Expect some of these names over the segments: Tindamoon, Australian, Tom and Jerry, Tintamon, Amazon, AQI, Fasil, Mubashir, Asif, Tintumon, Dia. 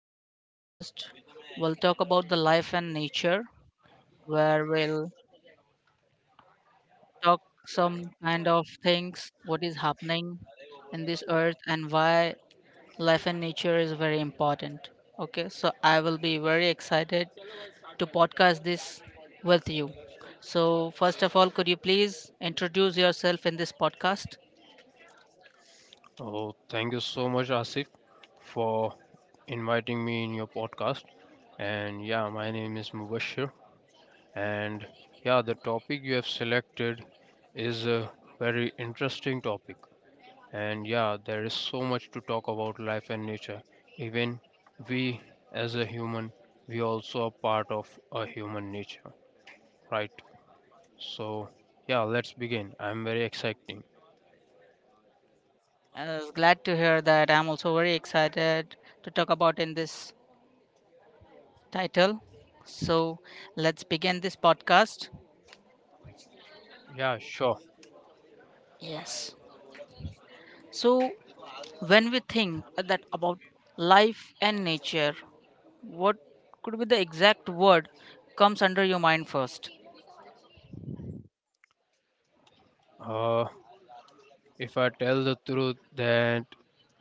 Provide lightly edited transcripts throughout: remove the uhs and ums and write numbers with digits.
in this podcast, we'll talk about the life and nature, where we'll talk some kind of things, what is happening in this earth, and why life and nature is very important. Okay, so I will be very excited to podcast this with you. So, first of all, could you please introduce yourself in this podcast? Oh, thank you so much, Asif, for inviting me in your podcast. And yeah, my name is Mubashir. And yeah, the topic you have selected is a very interesting topic. And yeah, there is so much to talk about life and nature. Even we, as a human, we also are part of a human nature, right? So yeah, let's begin. I'm very exciting. I was glad to hear that. I'm also very excited to talk about in this title. So let's begin this podcast. Yeah, sure. Yes. So when we think that about life and nature, what could be the exact word comes under your mind first? Uh, If I tell the truth, that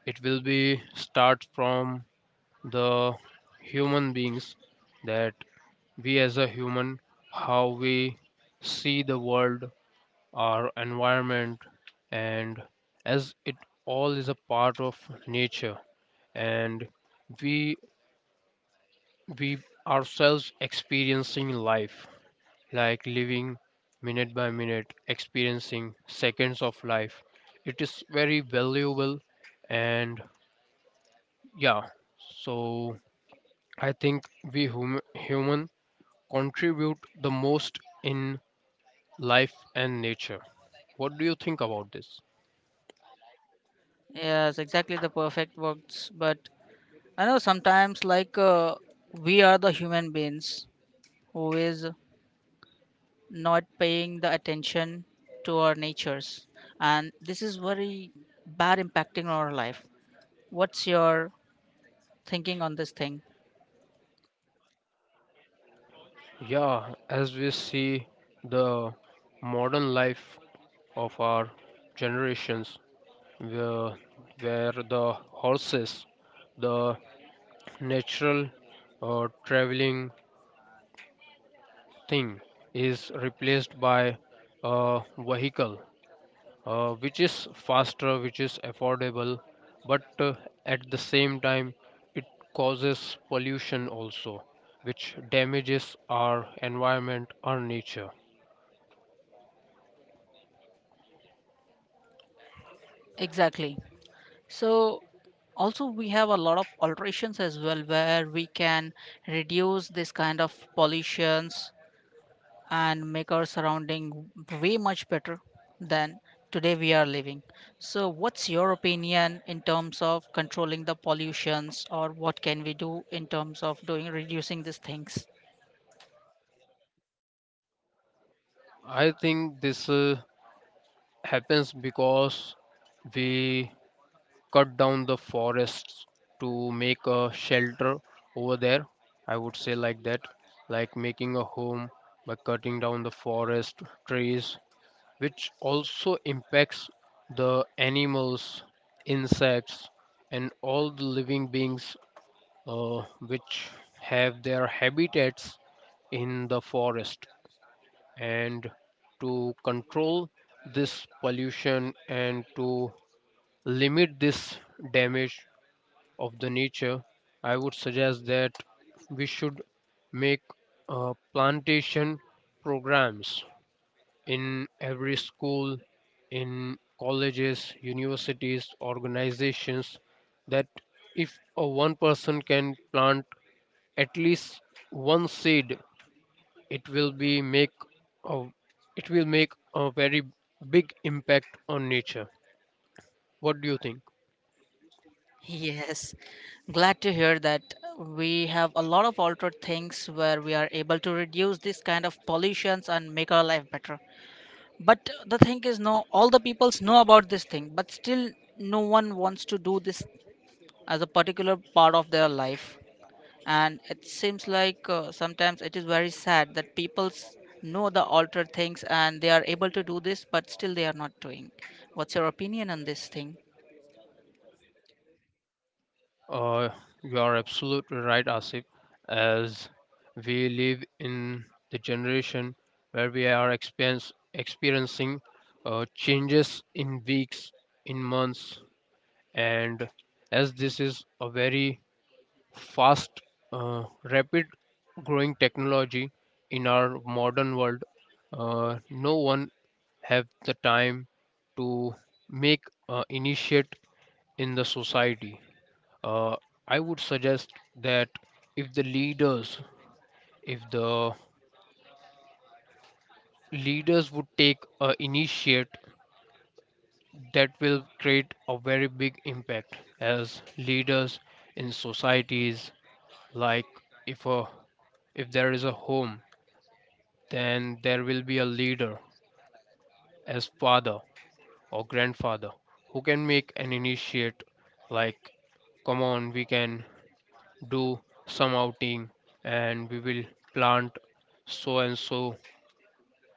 it will be start from the human beings that we as a human how we see the world, our environment, and as it all is a part of nature, and we we ourselves experiencing life, like living minute by minute, experiencing seconds of life. It is very valuable. And yeah, so I think human contribute the most in life and nature. What do you think about this? Yes, exactly the perfect words. But I know sometimes we are the human beings who is not paying the attention to our natures, and this is very bad impacting on our life. What's your thinking on this thing? Yeah, as we see the modern life of our generations, where, where the horses, the natural traveling thing, is replaced by a vehicle, which is faster, which is affordable, but at the same time, it causes pollution also, which damages our environment, our nature. Exactly. So also we have a lot of alterations as well, where we can reduce this kind of pollutions and make our surrounding way much better than today we are living. So what's your opinion in terms of controlling the pollutions, or what can we do in terms of doing reducing these things? I think this happens because we cut down the forests to make a shelter over there. I would say like that, like making a home by cutting down the forest trees, which also impacts the animals, insects, and all the living beings, uh, which have their habitats in the forest. And to control this pollution and to limit this damage of the nature, I would suggest that we should make plantation programs in every school, in colleges, universities, organizations, that if a one person can plant at least one seed, it will be make a, it will make a very big impact on nature. What do you think? Yes, glad to hear that we have a lot of altered things where we are able to reduce this kind of pollutions and make our life better. But the thing is, no all the peoples know about this thing, but still no one wants to do this as a particular part of their life. And it seems like sometimes it is very sad that know the altered things and they are able to do this, but still they are not doing. What's your opinion on this thing? Uh, you are absolutely right, Asif. As we live in the generation where we are experiencing changes in weeks, in months, and as this is a very fast, uh, rapid growing technology in our modern world, no one have the time to make initiate in the society. uh, I would suggest that if the leaders, if the leaders would take a initiate, that will create a very big impact as leaders in societies. Like if a if there is a home, then there will be a leader as father or grandfather who can make an initiate. Like, come on, we can do some outing, and we will plant so and so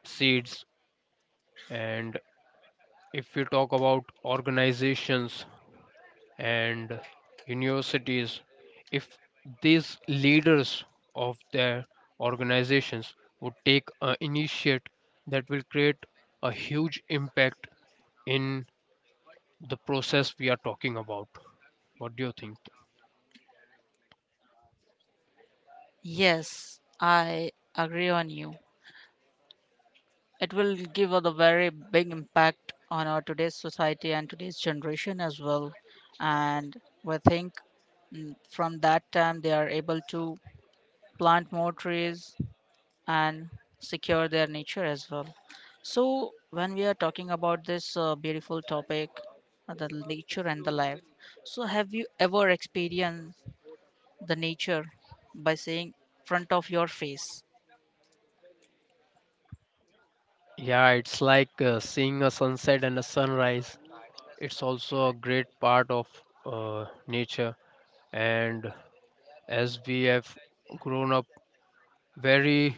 seeds. And if we talk about organizations and universities, if these leaders of their organizations would take an initiate, that will create a huge impact in the process we are talking about. What do you think? Yes, I agree on you. It will give a very big impact on our today's society and today's generation as well. And we think, from that time they are able to plant more trees and secure their nature as well. So, when we are talking about this beautiful topic, the nature and the life, so have you ever experienced the nature by saying front of your face? Yeah, it's like seeing a sunset and a sunrise. It's also a great part of uh, nature. And as we have grown up, very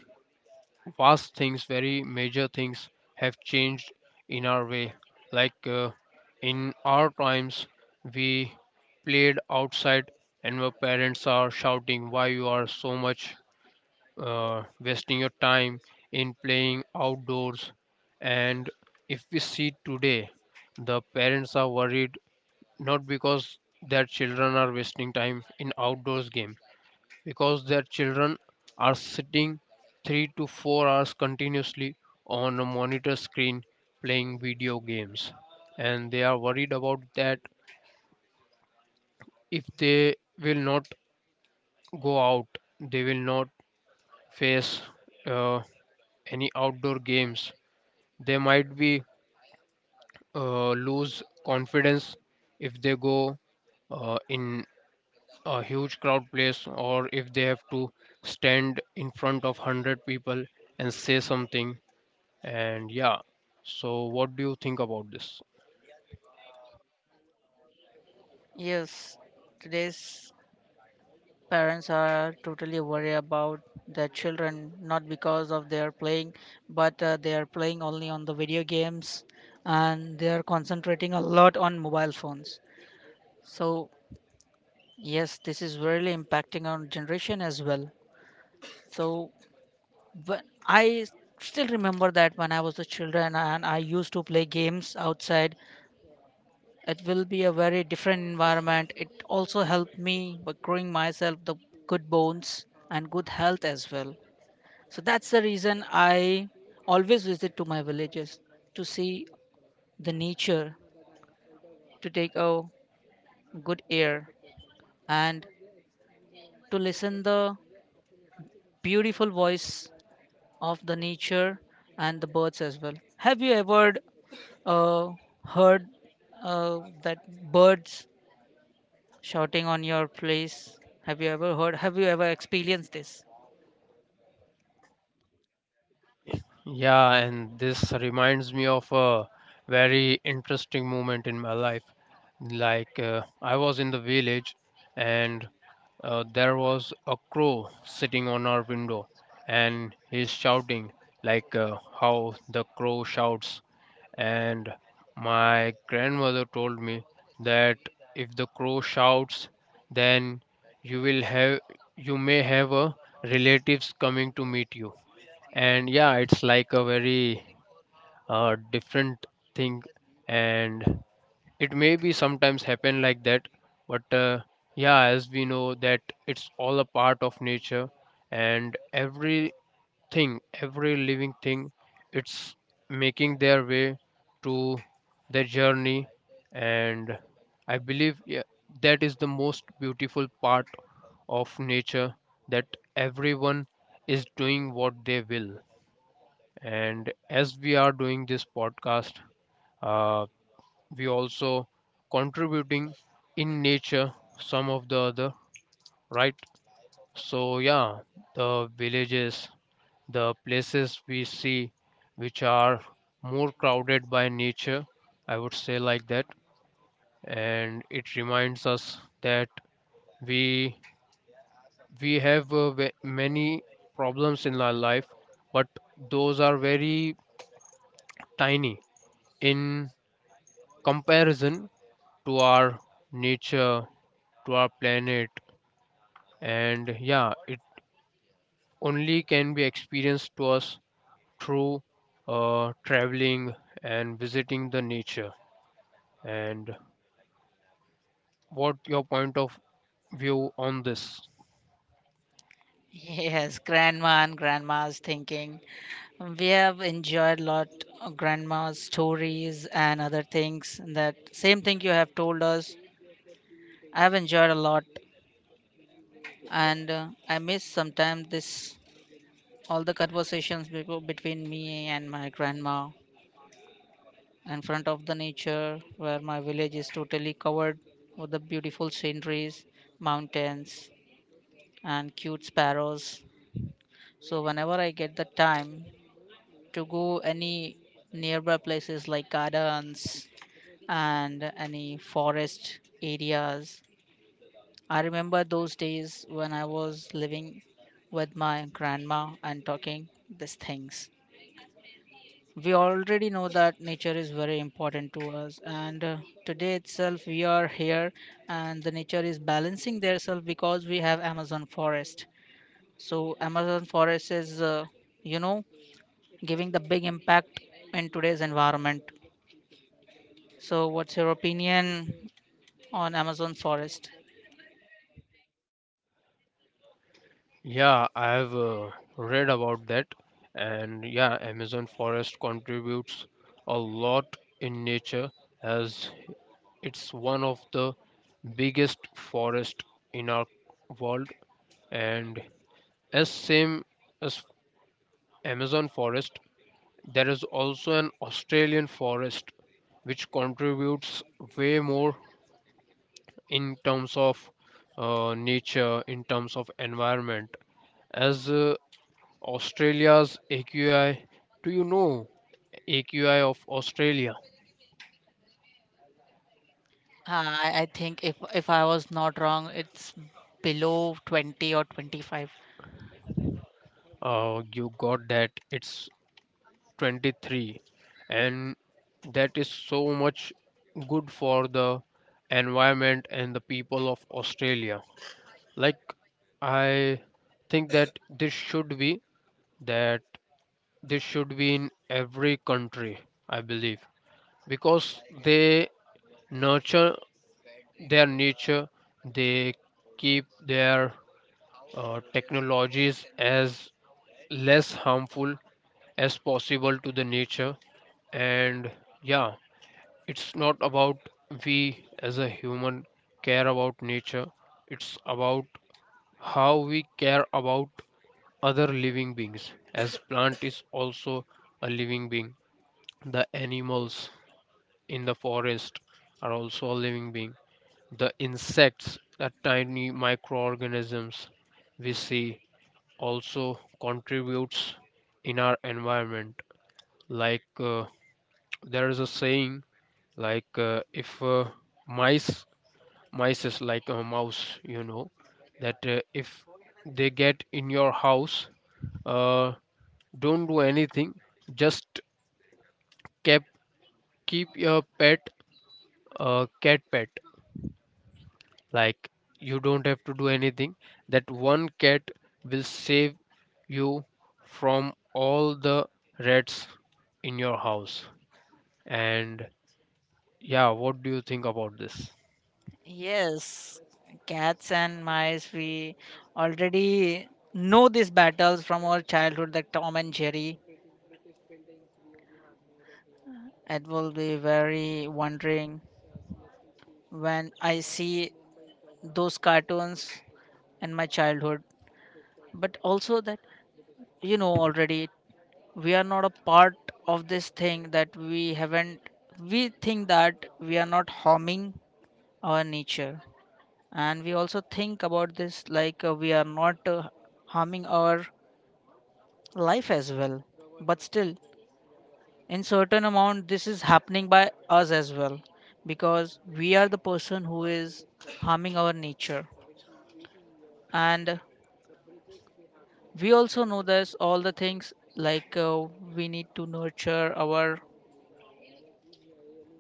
vast things, very major things have changed in our way. Like in our times, we played outside, and our parents are shouting, "Why you are so much wasting your time in playing outdoors?" And if we see today, the parents are worried not because their children are wasting time in outdoors game, because their children are sitting 3 to 4 hours continuously on a monitor screen playing video games, and they are worried about that if they will not go out, they will not face uh, any outdoor games, they might be lose confidence if they go in a huge crowd place, or if they have to stand in front of 100 people and say something. And yeah, so what do you think about this? Yes, today's parents are totally worried about their children, not because of their playing, but they are playing only on the video games, and they are concentrating a lot on mobile phones. So yes, this is really impacting on generation as well. So, but I still remember that when I was a children and I used to play games outside, it will be a very different environment. It also helped me by growing myself the good bones and good health as well. So that's the reason I always visit to my villages to see the nature, to take a good air, and to listen the beautiful voice of the nature and the birds as well. Have you ever uh, heard that birds shouting on your place? Have you ever heard? Have you ever experienced this? Yeah, and this reminds me of a very interesting moment in my life. Like, I was in the village, and there was a crow sitting on our window, and he's shouting, like how the crow shouts. And my grandmother told me that if the crow shouts, then you will have you may have a relatives coming to meet you. And yeah, it's like a very different thing, and it may be sometimes happen like that. But yeah, as we know that it's all a part of nature, and everything, every living thing, it's making their way to their journey. And I believe, yeah, that is the most beautiful part of nature, that everyone is doing what they will. And as we are doing this podcast, uh, we also contributing in nature some of the other, right? So yeah, the villages, the places we see which are more crowded by nature, I would say like that, and it reminds us that we we have many problems in our life, but those are very tiny in comparison to our nature, to our planet. And yeah, it only can be experienced to us through traveling and visiting the nature. And what your point of view on this? Yes, grandma and grandma's thinking. We have enjoyed lot of grandma's stories and other things. That same thing you have told us. I have enjoyed a lot, and I miss sometimes this all the conversations between me and my grandma, in front of the nature where my village is totally covered with the beautiful sceneries, mountains, and cute sparrows. So whenever I get the time to go any nearby places like gardens and any forest areas, I remember those days when I was living with my grandma and talking these things. We already know that nature is very important to us, and today itself we are here and the nature is balancing their self, because we have amazon forest. So amazon forest is, you know giving the big impact in today's environment. So what's your opinion on amazon forest? Yeah, I have read about that, and yeah, Amazon forest contributes a lot in nature, as it's one of the biggest forest in our world. And as same as Amazon forest, there is also an Australian forest which contributes way more in terms of nature, in terms of environment. As Australia's AQI, do you know AQI of Australia? I think if I was not wrong, it's below 20 or 25. You got that it's 23, and that is so much good for the environment and the people of Australia. Like I think that that this should be in every country, I believe, because they nurture their nature. They keep their technologies as less harmful as possible to the nature. And yeah, it's not about we as a human care about nature, it's about how we care about other living beings, as plant is also a living being, the animals in the forest are also a living being, the insects, the tiny microorganisms we see also contributes in our environment. Like there is a saying, like if mice mice is like a mouse, you know, that if they get in your house, uh, don't do anything, just kept keep your pet, cat pet. Like, you don't have to do anything, that one cat will save you from all the rats in your house. And yeah, what do you think about this? Yes, cats and mice, we already know these battles from our childhood, like Tom and Jerry. It will be very wondering when I see those cartoons in my childhood. But also that, you know, already we are not a part of this thing, that we haven't, we think that we are not harming our nature. And we also think about this like, we are not harming our life as well, but still in certain amount this is happening by us as well, because we are the person who is harming our nature. And we also know this all the things, like we need to nurture our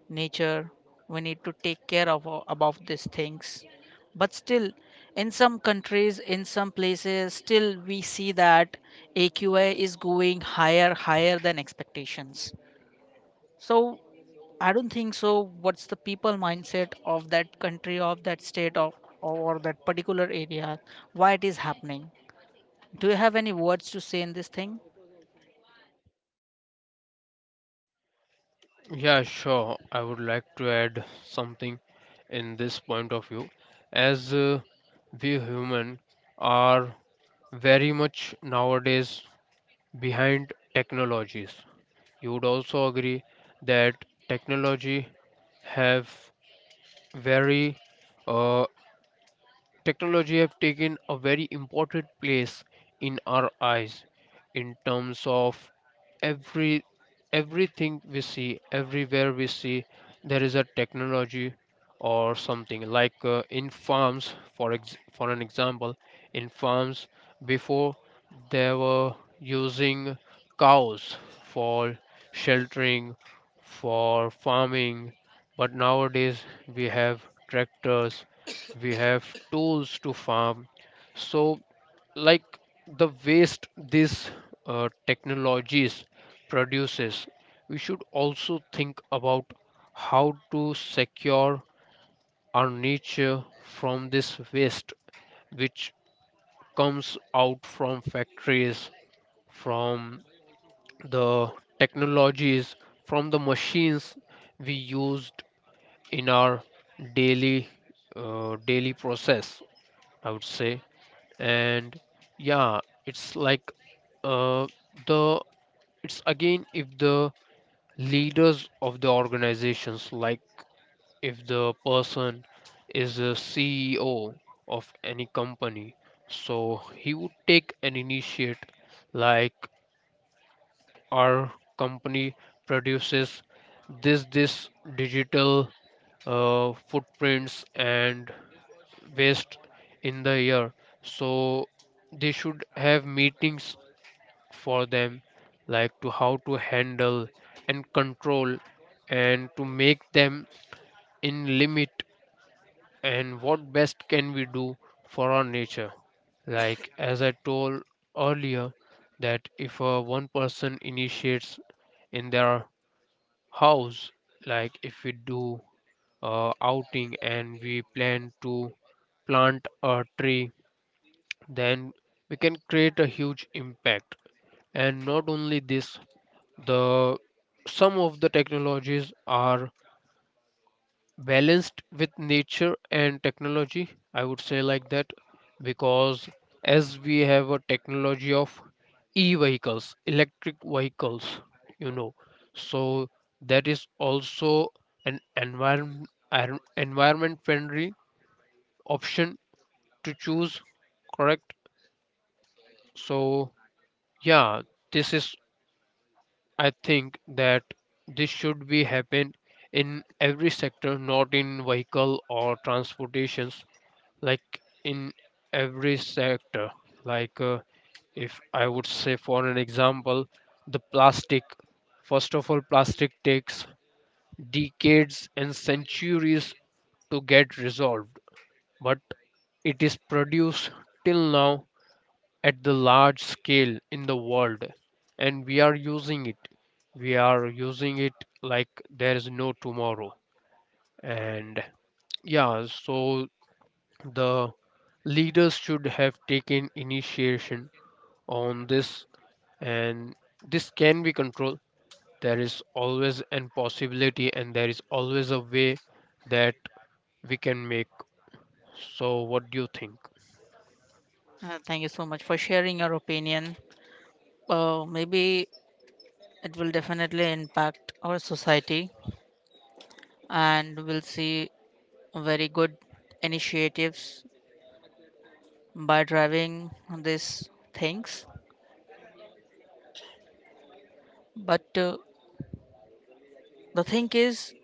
nature, we need to take care of about these things. But still in some countries, in some places, still we see that aqi is going higher higher than expectations. So I don't think so. What's the people mindset of that country, of that state, of or that particular area? Why it is happening? Do you have any words to say in this thing? Yeah, sure, I would like to add something in this point of view. As we human are very much nowadays behind technologies. You would also agree that technology have very uh, technology have taken a very important place in our eyes, in terms of every everything we see, everywhere we see, there is a technology or something. Like in farms, for an example, in farms before, they were using cows for sheltering, for farming, but nowadays we have tractors, we have tools to farm. So, like, the waste these technologies produces, we should also think about how to secure our nature from this waste, which comes out from factories, from the technologies, from the machines we used in our daily daily process, I would say. And yeah, it's like uh, the it's again, if the leaders of the organizations, like if the person is a CEO of any company, so he would take an initiate. Like, our company produces this digital footprints and waste in the year. So they should have meetings for them, like to how to handle and control and to make them in limit, and what best can we do for our nature. Like as I told earlier, that if one person initiates in their house, like if we do outing and we plan to plant a tree, then we can create a huge impact. And not only this, the some of the technologies are balanced with nature and technology, I would say like that. Because as we have a technology of e vehicles, electric vehicles, you know, so that is also an environment friendly option to choose, correct? So yeah, this is, I think that this should be happen in every sector, not in vehicle or transportations, like in every sector. Like if I would say for an example, the plastic. First of all, plastic takes decades and centuries to get resolved, but it is produced till now at the large scale in the world and we are using it like there is no tomorrow. And yeah, the leaders should have taken initiation on this, and this can be controlled. There is always an possibility and there is always a way that we can make. So what do you think? Thank you so much for sharing your opinion. Maybe it will definitely impact our society, and we'll see very good initiatives by driving these things. But the thing is,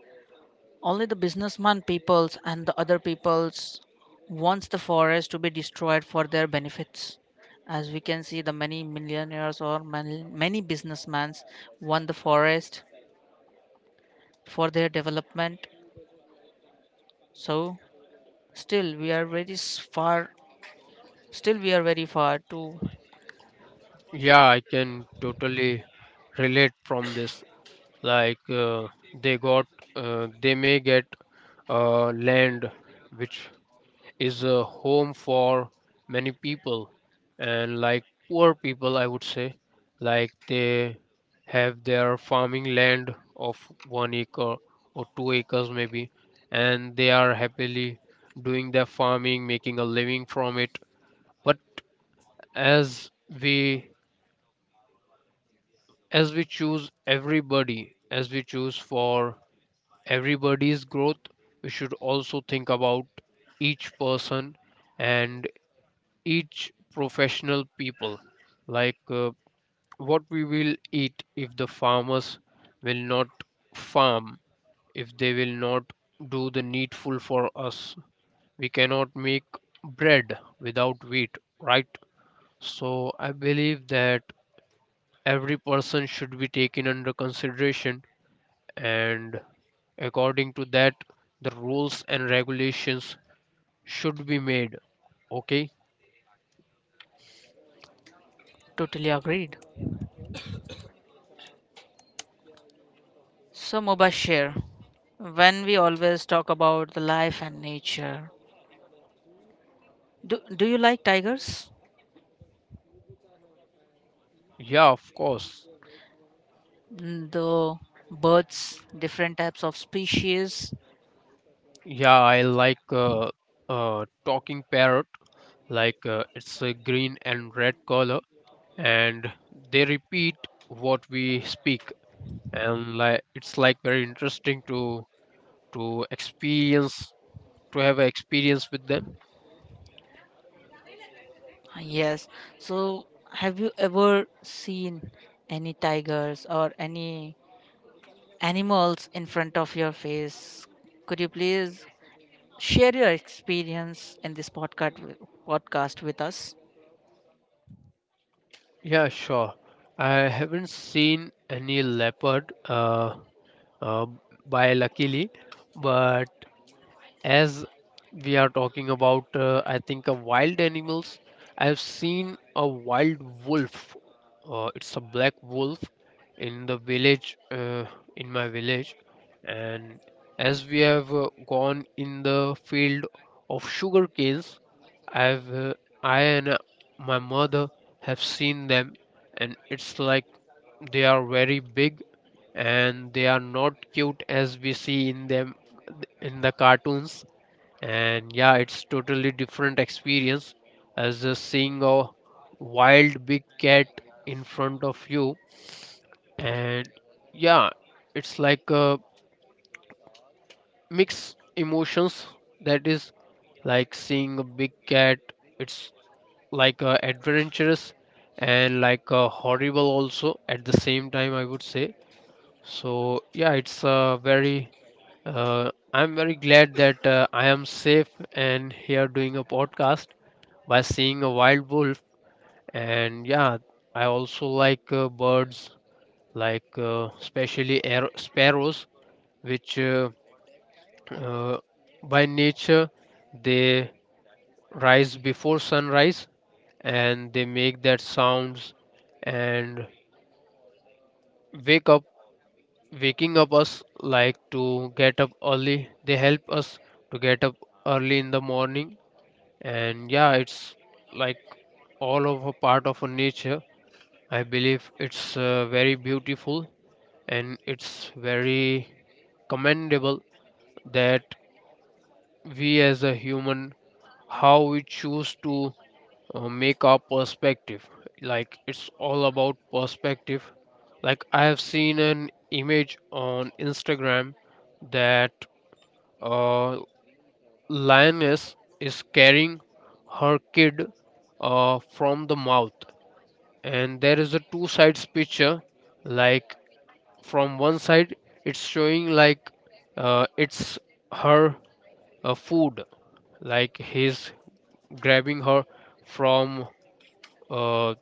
only the businessman peoples and the other peoples wants the forest to be destroyed for their benefits. As we can see, the many millionaires or many, many businessmen want the forest for their development. So still we are very s- far. Still we are very far to Yeah, I can totally relate from this. Like uh, they got uh, they may get land which is a home for many people, and like poor people I would say. Like they have their farming land of 1 acre or 2 acres maybe, and they are happily doing their farming, making a living from it. But as we as we choose everybody as we choose for everybody's growth, we should also think about each person and each professional people. Like, what we will eat if the farmers will not farm, if they will not do the needful for us? We cannot make bread without wheat, right? So I believe that every person should be taken under consideration, and according to that the rules and regulations should be made, okay? totally agreed. So Mubashir, when we always talk about the life and nature, do you like tigers? Yeah, of course. Mm, the birds, different types of species. Yeah, I like talking parrot. Like, it's a green and red color, and they repeat what we speak, and like it's like very interesting to experience, to have an experience with them. Yes. So, have you ever seen any tigers or any animals in front of your face? Could you please share your experience in this podcast with us? Yeah, sure. I haven't seen any leopard, uh, by luckily. But as we are talking about, I think, wild animals, I've seen a wild wolf. It's a black wolf in the village, in my village. And as we have gone in the field of sugar canes, I've uh, I and my mother have seen them, and it's like they are very big, and they are not cute as we see in them in the cartoons. And yeah, it's totally different experience, as seeing a wild big cat in front of you. And yeah, it's like a mix emotions, that is like seeing a big cat. It's like adventurous and like a horrible also at the same time, I would say. So yeah, it's a very… I'm very glad that I am safe and here doing a podcast by seeing a wild wolf. And yeah, I also like birds, like especially air- sparrows, which uh, by nature they rise before sunrise and they make that sounds, and wake up, waking up us like to get up early, they help us to get up early in the morning. And yeah, it's like all of a part of a nature. I believe it's very beautiful, and it's very commendable that we as a human, how we choose to make our perspective. Like it's all about perspective. Like I have seen an image on Instagram that uh, lioness is carrying her kid, from the mouth. And there is a two sides picture. Like from one side it's showing like, it's her food, like he's grabbing her from uh,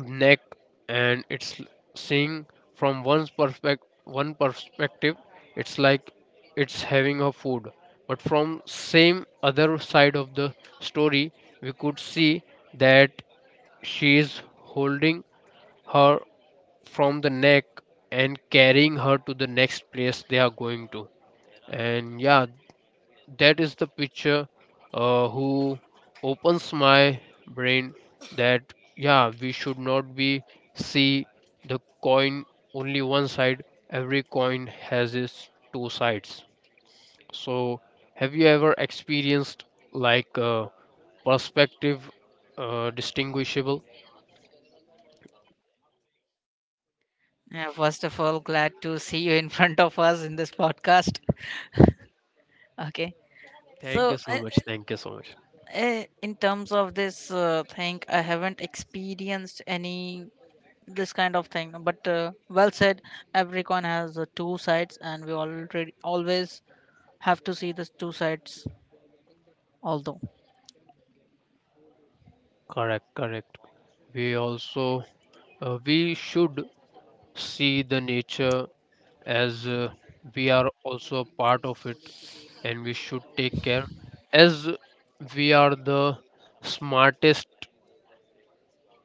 neck. And it's l- seeing from one perspective, it's like it's having her food. But from same other side of the story, we could see that she is holding her from the neck and carrying her to the next place they are going to. And yeah, that is the picture who opens my brain, that yeah, we should not be see the coin only one side. Every coin has its two sides. So have you ever experienced like, perspective distinguishable? Yeah, first of all, glad to see you in front of us in this podcast. Okay. thank So, you so much thank you so much in terms of this thing, I haven't experienced any this kind of thing, but well said, every coin has two sides, and we already always have to see the two sides although. Correct, correct. We also, we should see the nature as, we are also a part of it, and we should take care, as we are the smartest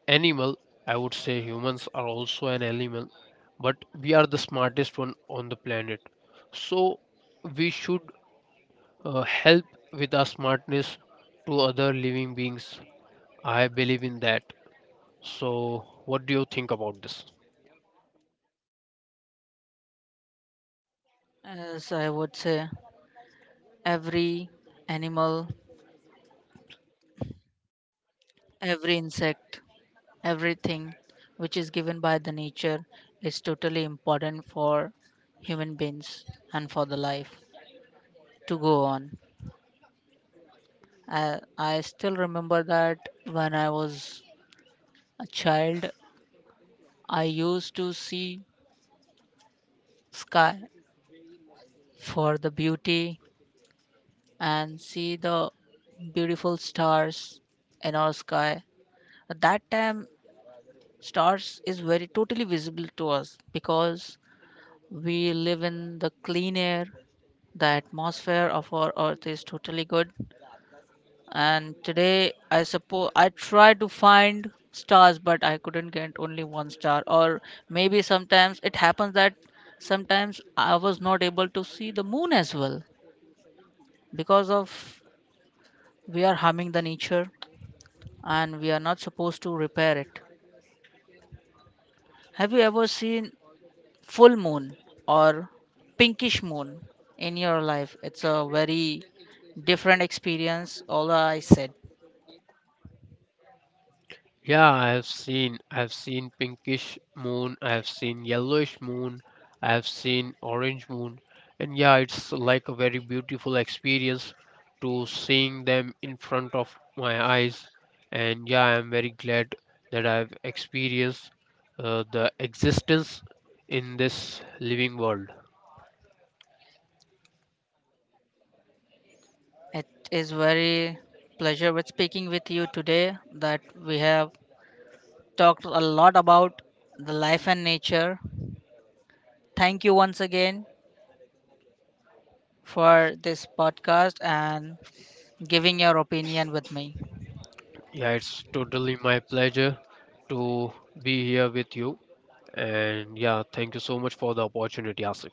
animal. I would say humans are also an animal, but we are the smartest one on the planet. So we should help with our smartness to other living beings. I believe in that. So what do you think about this? As I would say, every animal, every insect, everything which is given by the nature is totally important for human beings and for the life to go on. I still remember that when I was a child, I used to see sky for the beauty and see the beautiful stars in our sky. At that time, stars is very totally visible to us because we live in the clean air. The atmosphere of our earth is totally good. And today, I suppose I tried to find stars, but I couldn't get only one star. Or maybe sometimes it happens that sometimes I was not able to see the moon as well, because of we are harming the nature and we are not supposed to repair it. Have you ever seen full moon or pinkish moon in your life? It's a very different experience, all I said. Yeah, I have seen. I've seen pinkish moon, I've seen yellowish moon, I've seen orange moon. And yeah, it's like a very beautiful experience to seeing them in front of my eyes. And yeah, I'm very glad that I've experienced the existence in this living world. It is very pleasure with speaking with you today that we have talked a lot about the life and nature. Thank you once again for this podcast and giving your opinion with me. Yeah, it's totally my pleasure to be here with you. And yeah, thank you so much for the opportunity, Asif.